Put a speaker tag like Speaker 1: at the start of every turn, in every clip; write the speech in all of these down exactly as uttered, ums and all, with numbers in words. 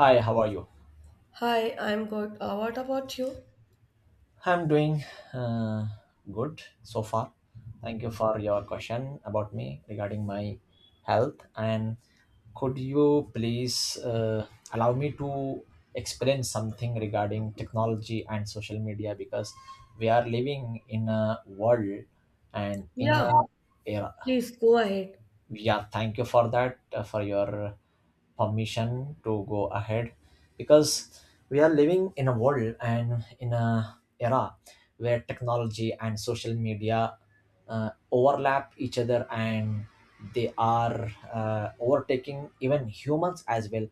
Speaker 1: Hi, how are you?
Speaker 2: Hi, I'm good. Uh, what about you?
Speaker 1: I'm doing uh, good so far. Thank you for your question about me regarding my health. And could you please uh, allow me to explain something regarding technology and social media because we are living in a world and in
Speaker 2: Yeah,
Speaker 1: a era.
Speaker 2: please go ahead.
Speaker 1: Yeah, thank you for that, uh, for your permission to go ahead, because we are living in a world and in a era where technology and social media uh, overlap each other, and they are uh, overtaking even humans as well.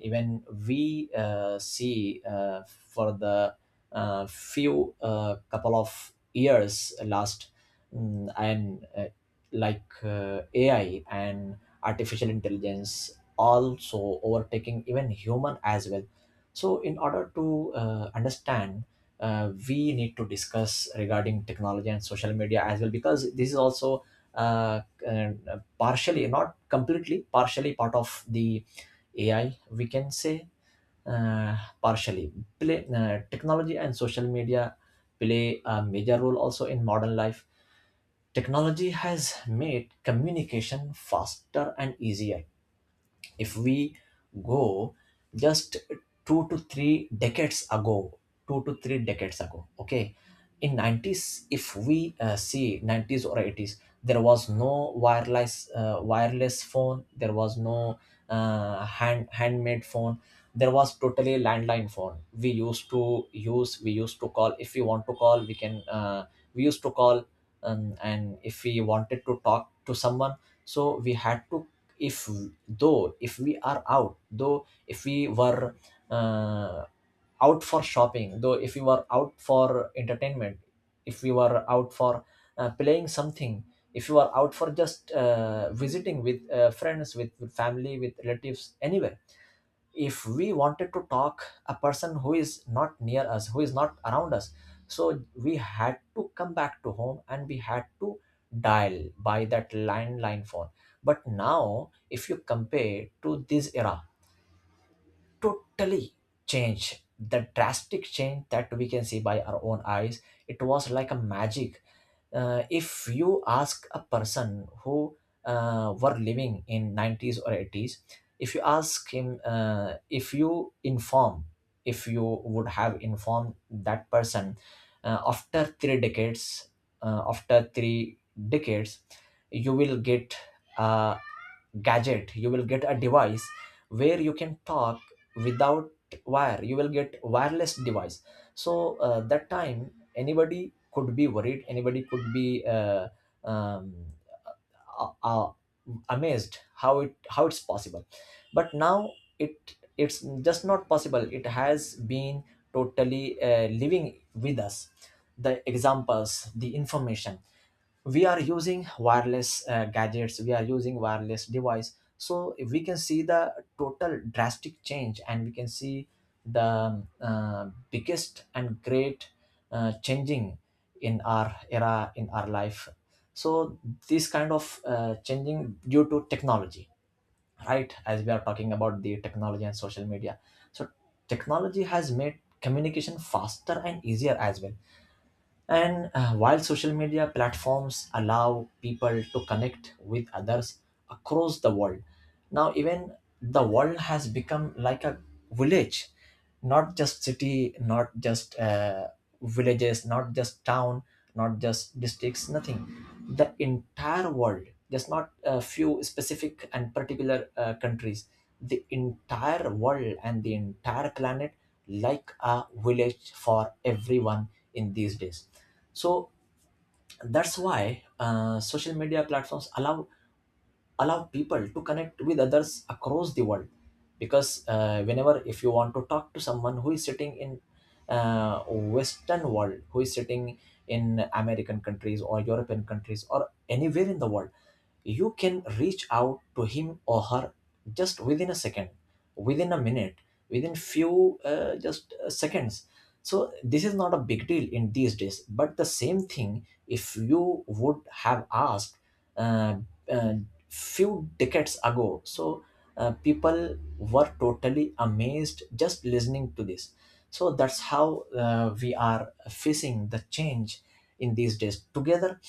Speaker 1: Even we uh, see uh, for the uh, few uh, couple of years last, mm, and uh, like uh, A I and artificial intelligence also overtaking even human as well. So, in order to uh, understand, uh, we need to discuss regarding technology and social media as well, because this is also uh, uh, partially, not completely, partially part of the A I. We can say uh, partially. Play, uh, technology and social media play a major role also in modern life. Technology has made communication faster and easier. If we go just two to three decades ago, two to three decades ago, okay, in nineties, if we uh, see nineties or eighties, there was no wireless uh, wireless phone, there was no uh, hand handmade phone, there was totally landline phone we used to use. We used to call. If we want to call, we can, uh, we used to call um, and if we wanted to talk to someone, so we had to, if though if we are out, though if we were uh, out for shopping, though if you are out for entertainment, if you are out for uh, playing something, if you are out for just uh, visiting with uh, friends, with family, with relatives, anywhere, if we wanted to talk a person who is not near us, who is not around us, so we had to come back to home and we had to dial by that landline phone. But now, if you compare to this era, totally change, the drastic change that we can see by our own eyes. It was like a magic. Uh, if you ask a person who uh, were living in nineties or eighties, if you ask him, uh, if you inform if you would have informed that person uh, after three decades uh, after three decades, you will get a gadget, you will get a device where you can talk without wire. You will get wireless device. So uh, that time, anybody could be worried, anybody could be uh, um, uh, uh, amazed how it, how it's possible. But now it, it's just not possible. It has been totally uh, living with us, the examples, the information. We are using wireless uh, gadgets, we are using wireless device. So if we can see the total drastic change, and we can see the um, uh, biggest and great uh, changing in our era, in our life. So this kind of uh, changing due to technology, right? As we are talking about the technology and social media, so technology has made communication faster and easier as well, and uh, while social media platforms allow people to connect with others across the world. Now even the world has become like a village, not just city, not just uh, villages, not just town, not just districts, nothing. The entire world, just not a few specific and particular uh, countries, the entire world and the entire planet like a village for everyone in these days. So that's why uh, social media platforms allow allow people to connect with others across the world, because uh, whenever, if you want to talk to someone who is sitting in uh, western world, who is sitting in american countries or european countries or anywhere in the world, you can reach out to him or her just within a second, within a minute, within few uh, just uh, seconds. So this is not a big deal in these days. But the same thing, if you would have asked uh, uh, few decades ago, so uh, people were totally amazed just listening to this. So that's how uh, we are facing the change in these days together.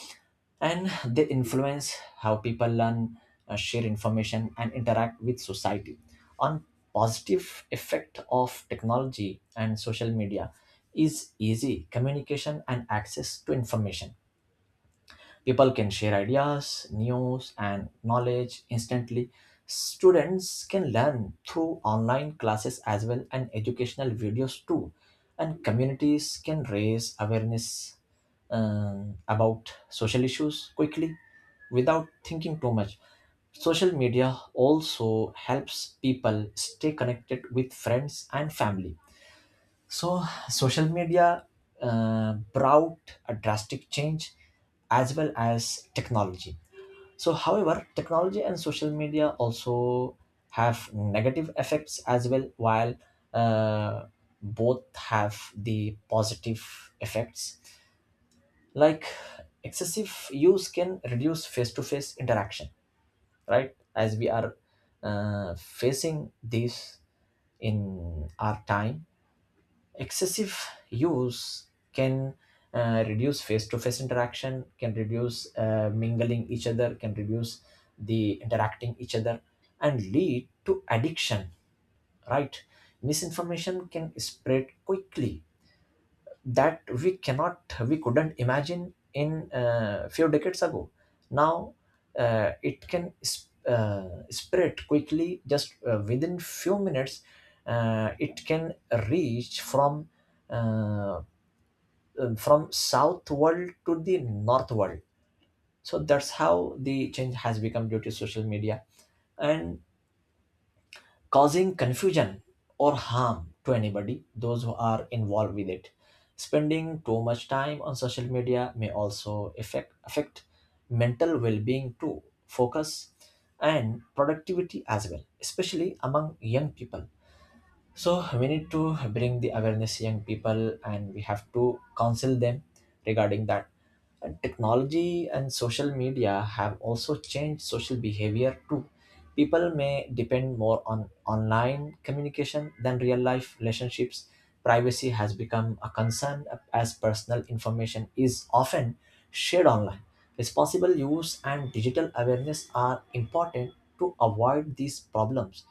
Speaker 1: And they influence how people learn, uh, share information, and interact with society. On positive effect of technology and social media is easy communication and access to information. People can share ideas, news, and knowledge instantly. Students can learn through online classes as well and educational videos too. And communities can raise awareness um, about social issues quickly, without thinking too much. Social media also helps people stay connected with friends and family. So, social media uh, brought a drastic change as well as technology. So, however, technology and social media also have negative effects as well, while uh, both have the positive effects. Like excessive use can reduce face to face interaction, right? As we are uh, facing this in our time. Excessive use can uh, reduce face-to-face interaction, can reduce uh, mingling each other, can reduce the interacting each other, and lead to addiction, right? Misinformation can spread quickly, that we cannot, we couldn't imagine in uh, few decades ago. Now uh, it can sp- uh, spread quickly just uh, within few minutes. Uh, it can reach from uh, uh, from south world to the north world. So that's how the change has become due to social media, and causing confusion or harm to anybody, those who are involved with it. Spending too much time on social media may also affect, affect mental well being too, focus and productivity as well, especially among young people. So we need to bring the awareness young people, and we have to counsel them regarding that. And technology and social media have also changed social behavior too. People may depend more on online communication than real life relationships. Privacy has become a concern, as personal information is often shared online. Responsible use and digital awareness are important to avoid these problems.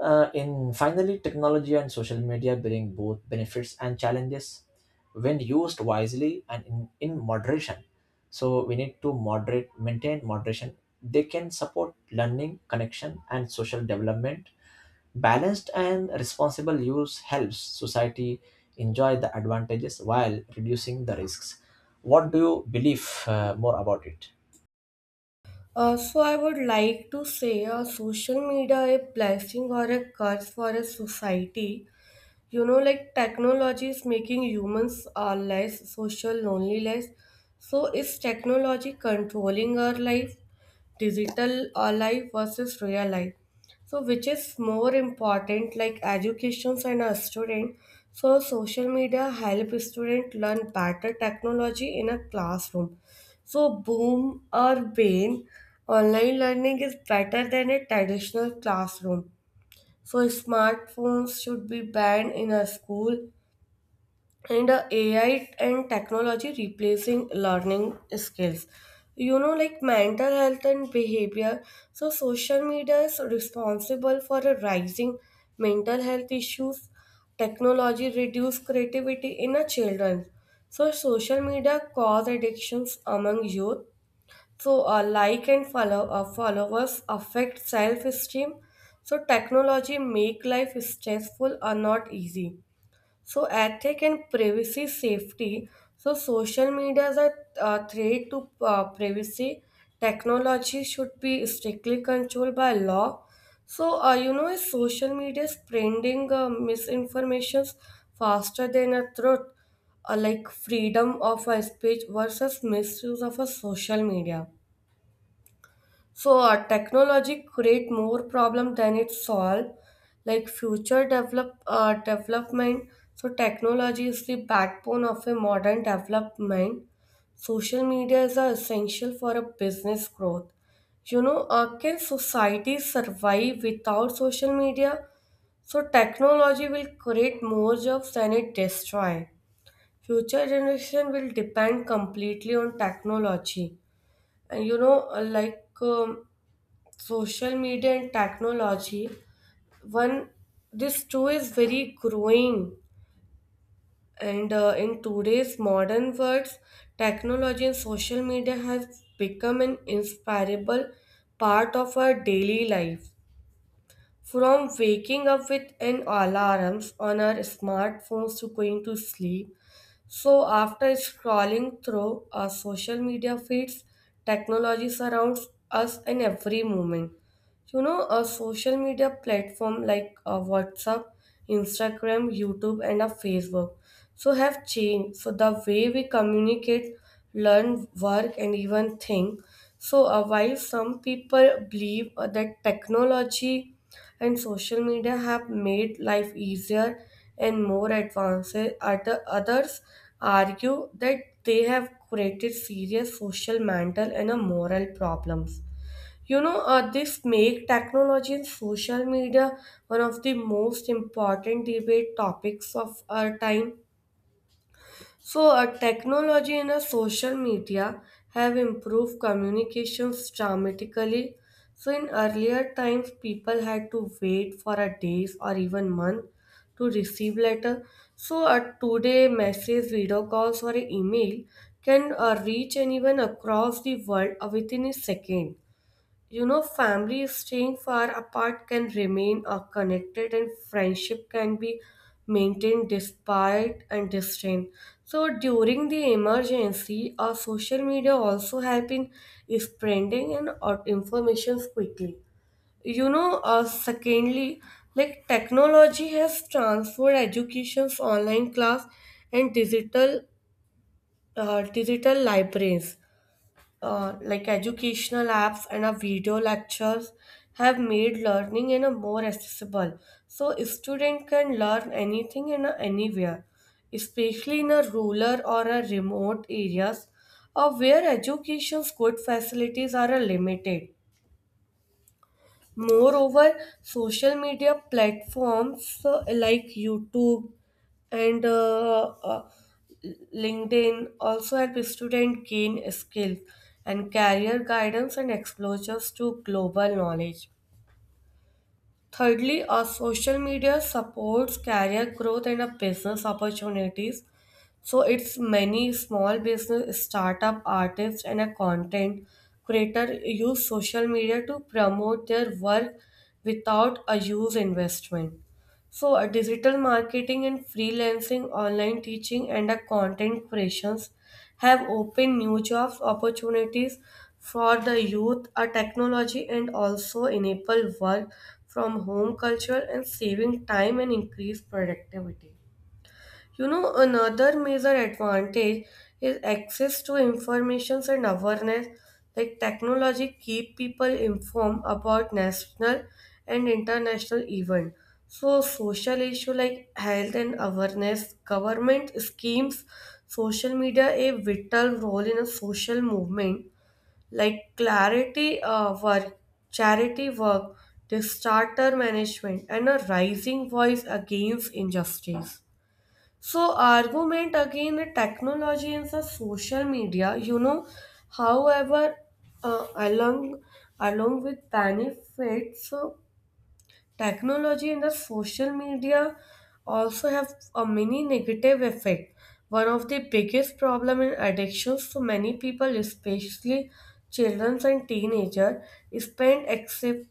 Speaker 1: uh, In finally, technology and social media bring both benefits and challenges when used wisely and in, in moderation. So we need to moderate, maintain moderation. They can support learning, connection, and social development. Balanced and responsible use helps society enjoy the advantages while reducing the risks. What do you believe uh, more about it?
Speaker 2: Uh, so I would like to say uh, social media a blessing or a curse for a society, you know, like technology is making humans are less social, lonely, less. So is technology controlling our life? Digital uh, life versus real life. So which is more important? Like educations and a student. So social media help student learn better, technology in a classroom. So boom or bane. Online learning is better than a traditional classroom. So smartphones should be banned in a school. And uh, A I and technology replacing learning skills. You know, like mental health and behavior. So social media is responsible for a rising mental health issues. Technology reduce creativity in a children. So social media cause addictions among youth. So, uh, like and follow uh, followers affect self-esteem. So, technology make life stressful or not easy. So, ethic and privacy safety. So, social media is a uh, threat to uh, privacy. Technology should be strictly controlled by law. So, uh, you know, is social media spreading uh, misinformations faster than a truth? Uh, like freedom of a speech versus misuse of a social media. So uh, technology create more problem than it solve. Like future develop uh, development. So technology is the backbone of a modern development. Social media is uh, essential for a business growth. You know, uh, can society survive without social media? So technology will create more jobs than it destroy. Future generation will depend completely on technology, and you know, uh, like. Um, social media and technology, one, this two is very growing. And uh, in today's modern world, technology and social media have become an inseparable part of our daily life, from waking up with an alarms on our smartphones to going to sleep. So after scrolling through our social media feeds, technology surrounds us in every moment. You know, a social media platform like uh, WhatsApp, Instagram, YouTube, and our Facebook so have changed. So the way we communicate, learn, work, and even think. So uh, while some people believe uh, that technology and social media have made life easier and more advanced. Other, others argue that they have created serious social, mental, and uh, moral problems. You know, uh, this make technology and social media one of the most important debate topics of our time. So, uh, technology and uh, social media have improved communications dramatically. So, in earlier times, people had to wait for a days or even month to receive letter. So, uh, today, message, video calls, or email can uh, reach anyone across the world uh, within a second. You know, families staying far apart can remain uh, connected and friendship can be maintained despite and distant. So during the emergency, uh, social media also help in spreading and uh, information quickly. You know, uh, secondly, like technology has transformed education's online class and digital uh, digital libraries, uh, like educational apps and uh, video lectures have made learning in a more accessible. So a student can learn anything and uh, anywhere, especially in a rural or a remote areas or where education's good facilities are uh, limited. Moreover, social media platforms uh, like YouTube and uh, uh, LinkedIn also help students gain skills and career guidance and exposures to global knowledge. Thirdly, our social media supports career growth and a business opportunities. So it's many small business, startup artists, and a content creator use social media to promote their work without a huge investment. So, a digital marketing and freelancing, online teaching, and a content creations have opened new jobs opportunities for the youth. A technology and also enable work from home culture and saving time and increase productivity. You know, another major advantage is access to information and awareness. Like technology keep people informed about national and international event. So social issue like health and awareness, government schemes, social media a vital role in a social movement. Like clarity uh, work, charity work, disaster management, and a rising voice against injustice. So argument again the technology and the social media, you know, however, uh, along along with benefits, so technology and the social media also have a many negative effect. One of the biggest problem in addictions for many people, especially children and teenagers, spend excessive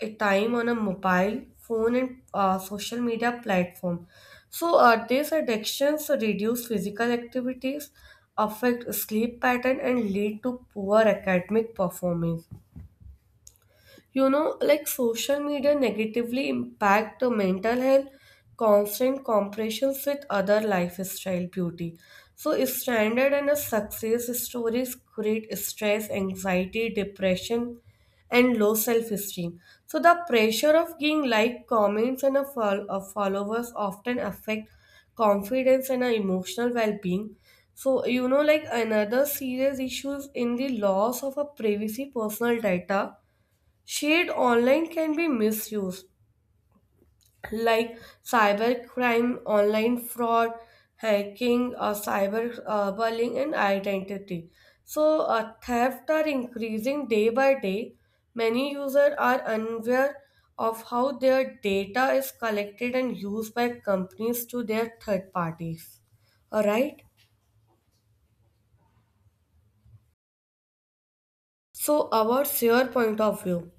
Speaker 2: a time on a mobile phone and uh, social media platform. So uh, these addictions reduce physical activities, affect sleep pattern, and lead to poor academic performance. You know, like social media negatively impact the mental health, constant comparisons with other lifestyle beauty. So standard and a success stories create stress, anxiety, depression, and low self-esteem. So the pressure of getting like comments and a fol- of followers often affect confidence and a emotional well-being. So you know, like another serious issue is in the loss of a privacy, personal data. Shared online can be misused, like cybercrime, online fraud, hacking, uh, cyber uh, bullying, and identity. So, uh, theft are increasing day by day. Many users are unaware of how their data is collected and used by companies to their third parties. All right. So, our your point of view?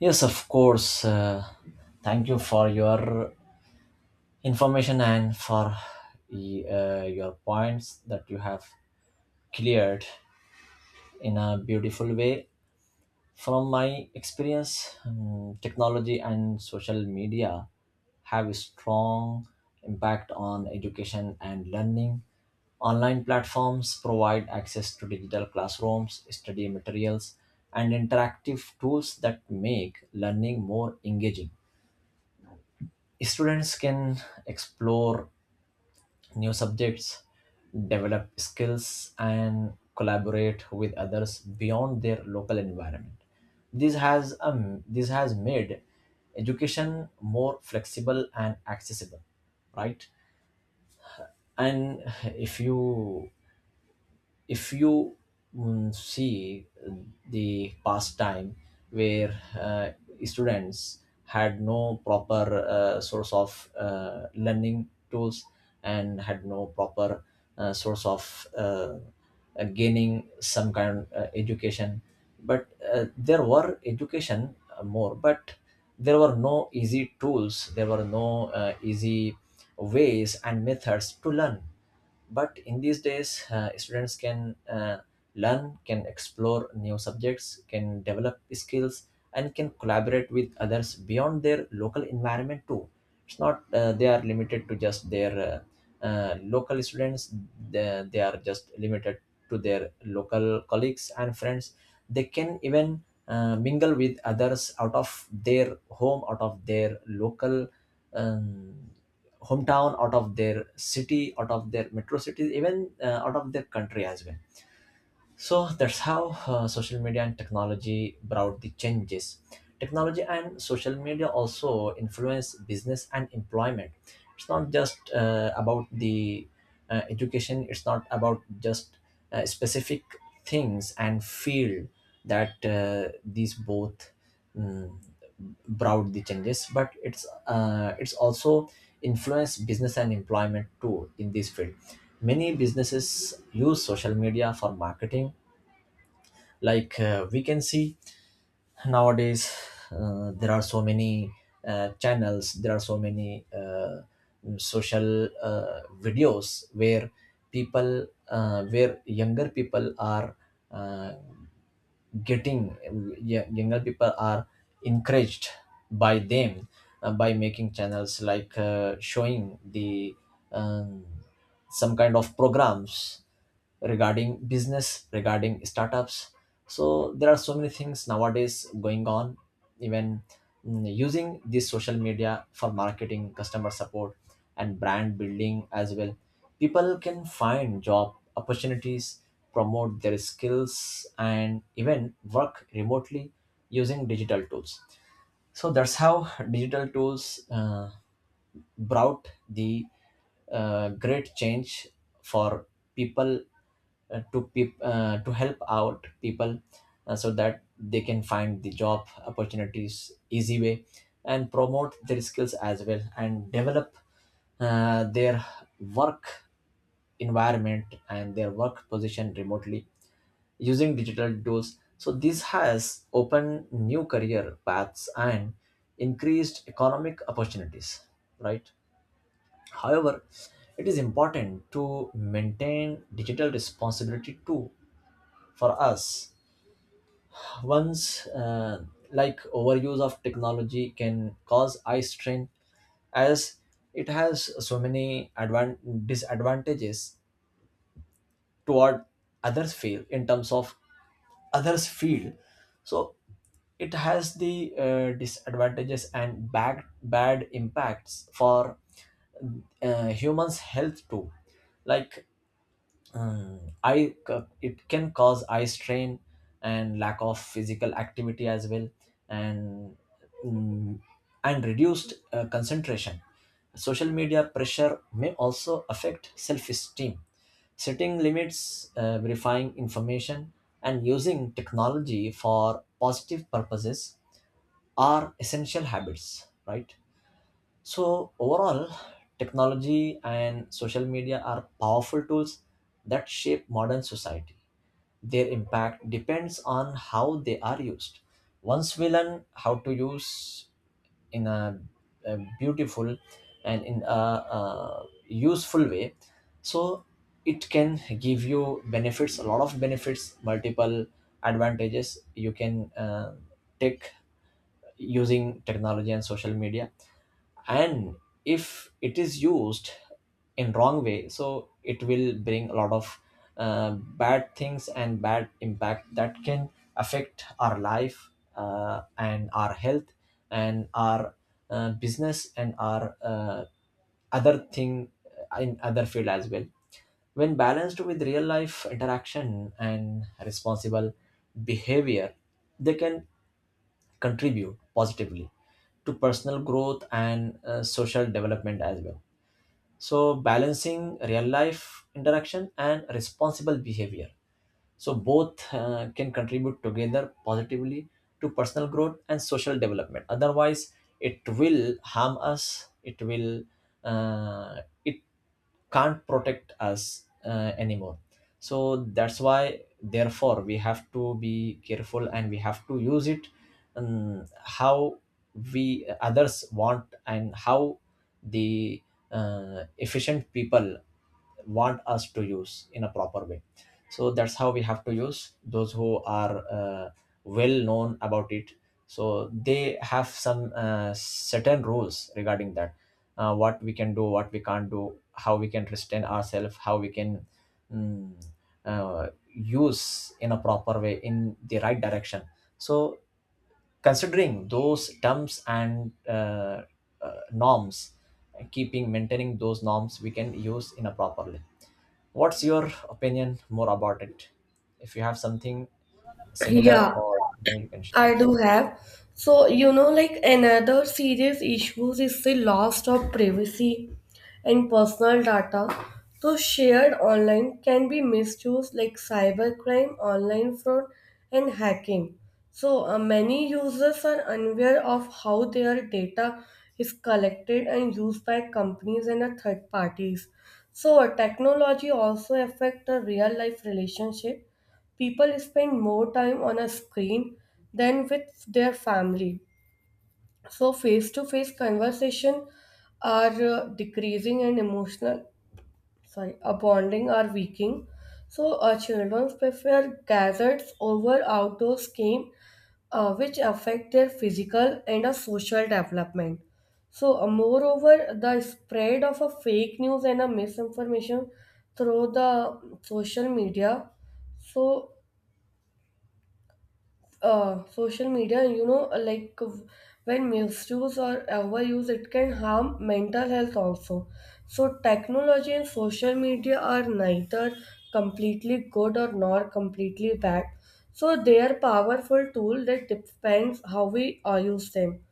Speaker 1: Yes, of course. Uh, thank you for your information and for y- uh, your points that you have cleared in a beautiful way. From my experience, um, technology and social media have a strong impact on education and learning. Online platforms provide access to digital classrooms, study materials, and interactive tools that make learning more engaging. Students can explore new subjects, develop skills, and collaborate with others beyond their local environment. This has um, this has made education more flexible and accessible, right? And if you if you mm, see uh, the past time where uh, students had no proper uh, source of uh, learning tools, and had no proper uh, source of uh, uh, gaining some kind of uh, education. But uh, there were education uh, more, but there were no easy tools, there were no uh, easy ways and methods to learn. But in these days, uh, students can uh, learn, can explore new subjects, can develop skills, and can collaborate with others beyond their local environment too. It's not uh, they are limited to just their uh, uh, local students. They, they are just limited to their local colleagues and friends. They can even uh, mingle with others out of their home, out of their local um, hometown, out of their city, out of their metro cities, even uh, out of their country as well. So that's how uh, social media and technology brought the changes. Technology and social media also influence business and employment. It's not just uh, about the uh, education. It's not about just uh, specific things and field that uh, these both mm, brought the changes, but it's uh, it's also influenced business and employment too in this field. Many businesses use social media for marketing. Like uh, we can see nowadays uh, there are so many uh, channels, there are so many uh, social uh, videos where people uh, where younger people are uh, getting y- younger people are encouraged by them uh, by making channels, like uh, showing the um, some kind of programs regarding business, regarding startups. So there are so many things nowadays going on, even Mm, using this social media for marketing, customer support, and brand building as well. People can find job opportunities, promote their skills, and even work remotely using digital tools. So that's how digital tools uh, brought the uh, great change for people uh, to peop- uh, to help out people, uh, so that they can find the job opportunities easy way, and promote their skills as well, and develop uh, their work environment and their work position remotely using digital tools. So this has opened new career paths and increased economic opportunities, right? However, it is important to maintain digital responsibility too, for us. Once, uh, like overuse of technology can cause eye strain, as it has so many advan- disadvantages toward others feel, in terms of others feel. So it has the uh, disadvantages and bad bad impacts for uh, humans' health too. Like Mm, I c- it can cause eye strain and lack of physical activity as well, and mm, and reduced uh, concentration. Social media pressure may also affect self-esteem. Setting limits, uh, verifying information, and using technology for positive purposes are essential habits. Right. So, overall, technology and social media are powerful tools that shape modern society. Their impact depends on how they are used. Once we learn how to use in a, a beautiful and in a, a useful way, so it can give you benefits, a lot of benefits, multiple advantages you can uh, take using technology and social media. And if it is used in wrong way, so it will bring a lot of uh, bad things and bad impact that can affect our life, uh, and our health, and our uh, business, and our uh, other thing in other field as well. When balanced with real life interaction and responsible behavior, they can contribute positively to personal growth and uh, social development as well. So, balancing real life interaction and responsible behavior, so both uh, can contribute together positively to personal growth and social development. Otherwise, it will harm us. It will uh, it can't protect us uh, anymore. So that's why, therefore, we have to be careful, and we have to use it um, how we others want, and how the uh, efficient people want us to use in a proper way. So that's how we have to use, those who are uh, well known about it, so they have some uh, certain rules regarding that, uh, what we can do, what we can't do, how we can restrain ourselves, how we can mm, uh, use in a proper way in the right direction. So considering those terms and uh, uh, norms, keeping maintaining those norms, we can use in a properly. What's your opinion more about it? If you have something similar
Speaker 2: Yeah,
Speaker 1: or new, you can share.
Speaker 2: I do have. So, you know, like another serious issues is the loss of privacy and personal data. So, shared online can be misused like cybercrime, online fraud, and hacking. So, uh, many users are unaware of how their data is collected and used by companies and uh, third parties. So, uh, technology also affect the real life relationship. People spend more time on a screen than with their family. So face to face conversation are uh, decreasing and emotional sorry, uh, bonding are weakening. So uh, children prefer gadgets over outdoors game, uh, which affect their physical and uh, social development. So, uh, moreover, the spread of a fake news and a misinformation through the social media, so uh, social media, you know, like uh, when misuse or overuse, it can harm mental health also. So, technology and social media are neither completely good or nor completely bad. So, they are powerful tool that depends how we uh, use them.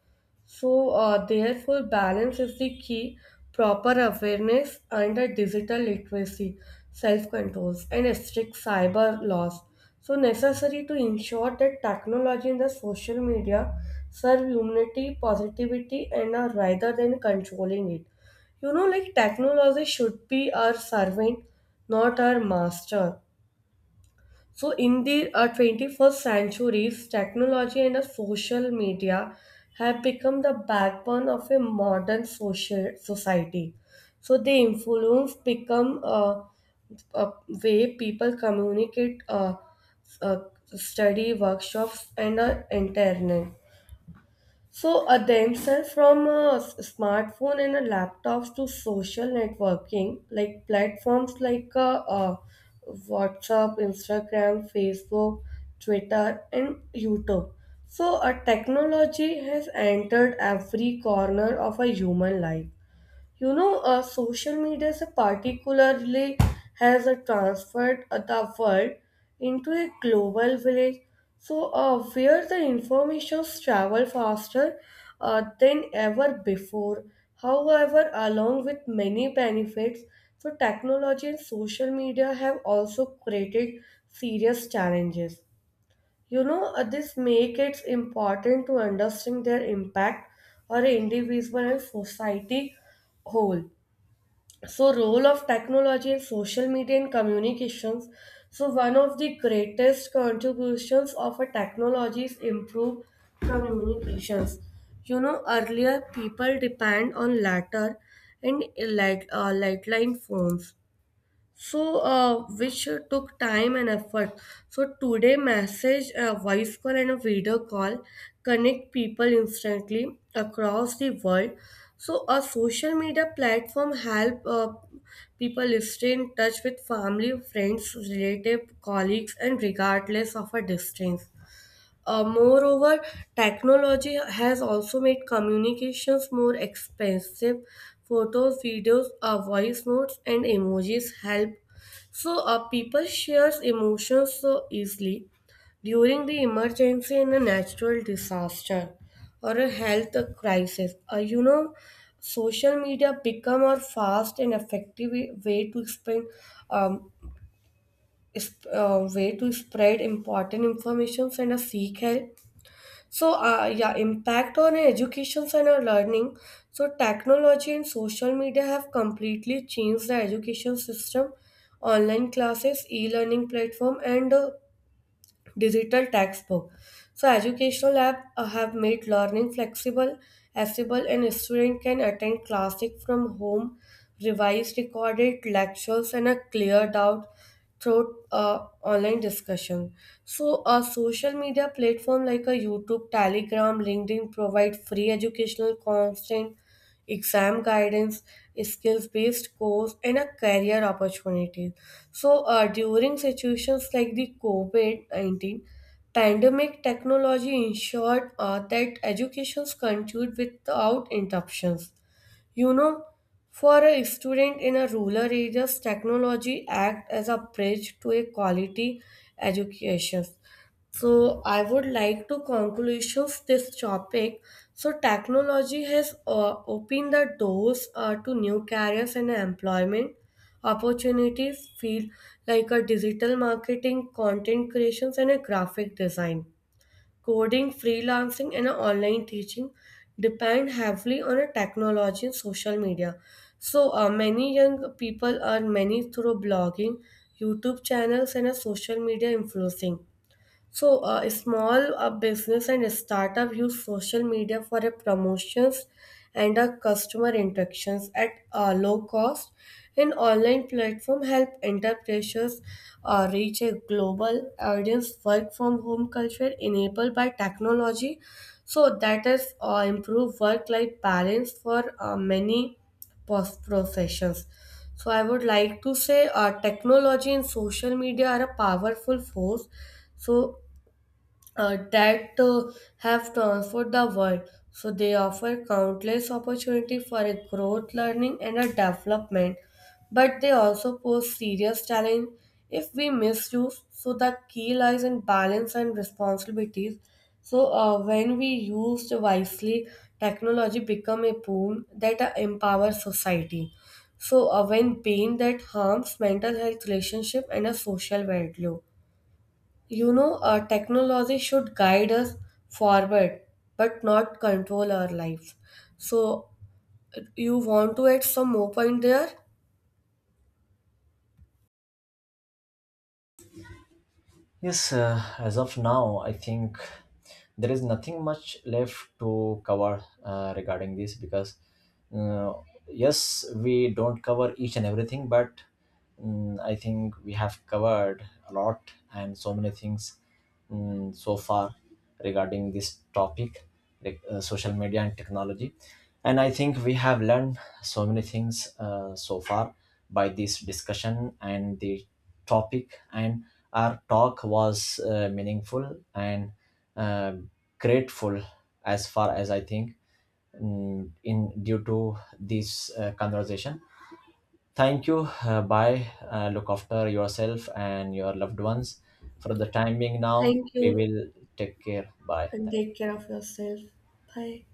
Speaker 2: So, uh, therefore, balance is the key. Proper awareness and a digital literacy, self controls, and a strict cyber laws. So, necessary to ensure that technology and the social media serve humanity, positivity, and uh, rather than controlling it. You know, like technology should be our servant, not our master. So, in the uh, twenty-first centuries, technology and uh, social media have become the backbone of a modern social society. So, they influence become uh, a way people communicate, uh, uh, study, workshops, and uh, internet. So uh, themselves from a s- smartphone and a laptops to social networking, like platforms like uh, uh, WhatsApp, Instagram, Facebook, Twitter, and YouTube. So a technology has entered every corner of a human life. You know, uh, social media is a particularly has a transferred uh, the world into a global village. So, uh, where the informations travel faster uh, than ever before. However, along with many benefits, so technology and social media have also created serious challenges. You know, uh, this make it important to understand their impact on an individual and society whole. So role of technology in social media and communications. So one of the greatest contributions of a technology is improved communications. You know, earlier people depend on letter and like uh, light line phones, so uh, which took time and effort. So today message, a voice call, and a video call connect people instantly across the world. So a social media platform help uh, people stay in touch with family, friends, relative, colleagues, and regardless of a distance. Uh, moreover, technology has also made communications more expensive. Photos, videos, uh, voice notes, and emojis help. So, uh, people share emotions so easily during the emergency, in a natural disaster or a health crisis. Uh, you know, social media become a fast and effective way to spend, um, is uh, way to spread important information and uh, seek help. So, uh, yeah, impact on education and our learning. So, technology and social media have completely changed the education system. Online classes, e-learning platform, and uh, digital textbook. So educational apps uh, have made learning flexible, accessible, and a student can attend classic from home, revised recorded lectures, and a cleared out through uh, online discussion. So a social media platform like a YouTube, Telegram, LinkedIn provide free educational content, exam guidance, skills-based course, and a career opportunities. So uh, during situations like the COVID nineteen pandemic, technology ensured uh, that educations continued without interruptions. You know, for a student in a rural areas, technology act as a bridge to a quality education. So I would like to conclusions this topic. So technology has uh, opened the doors uh, to new careers and employment opportunities field like a digital marketing, content creations, and a graphic design. Coding, freelancing, and online teaching depend heavily on a technology and social media. So uh, many young people earn money through blogging, YouTube channels, and a social media influencing. So, uh, a small uh, business and a startup use social media for a promotions and a customer interactions at a low cost. An online platform help enterprises uh, reach a global audience. Work from home culture enabled by technology, so that is uh, improve work life balance for uh, many pos- professions. So I would like to say uh, technology and social media are a powerful force. So uh, that uh, have transformed the world. So they offer countless opportunity for a growth, learning, and a development. But they also pose serious challenge if we misuse. So the key lies in balance and responsibilities. So uh, when we used wisely, technology become a boon that uh, empowers society. So uh, when pain that harms mental health, relationship, and a social value. You know, uh, technology should guide us forward, but not control our life. So, you want to add some more point there?
Speaker 1: Yes, uh, as of now, I think there is nothing much left to cover uh, regarding this, because, uh, yes, we don't cover each and everything, but mm, I think we have covered a lot and so many things mm, so far regarding this topic, like, uh, social media and technology. And I think we have learned so many things uh, so far by this discussion and the topic, and our talk was uh, meaningful and uh, grateful as far as I think, mm, in due to this uh, conversation. Thank you. Uh, bye. Uh, look after yourself and your loved ones. For the time being, now
Speaker 2: Thank
Speaker 1: we
Speaker 2: you,
Speaker 1: will take care. Bye.
Speaker 2: and take care of yourself. Bye.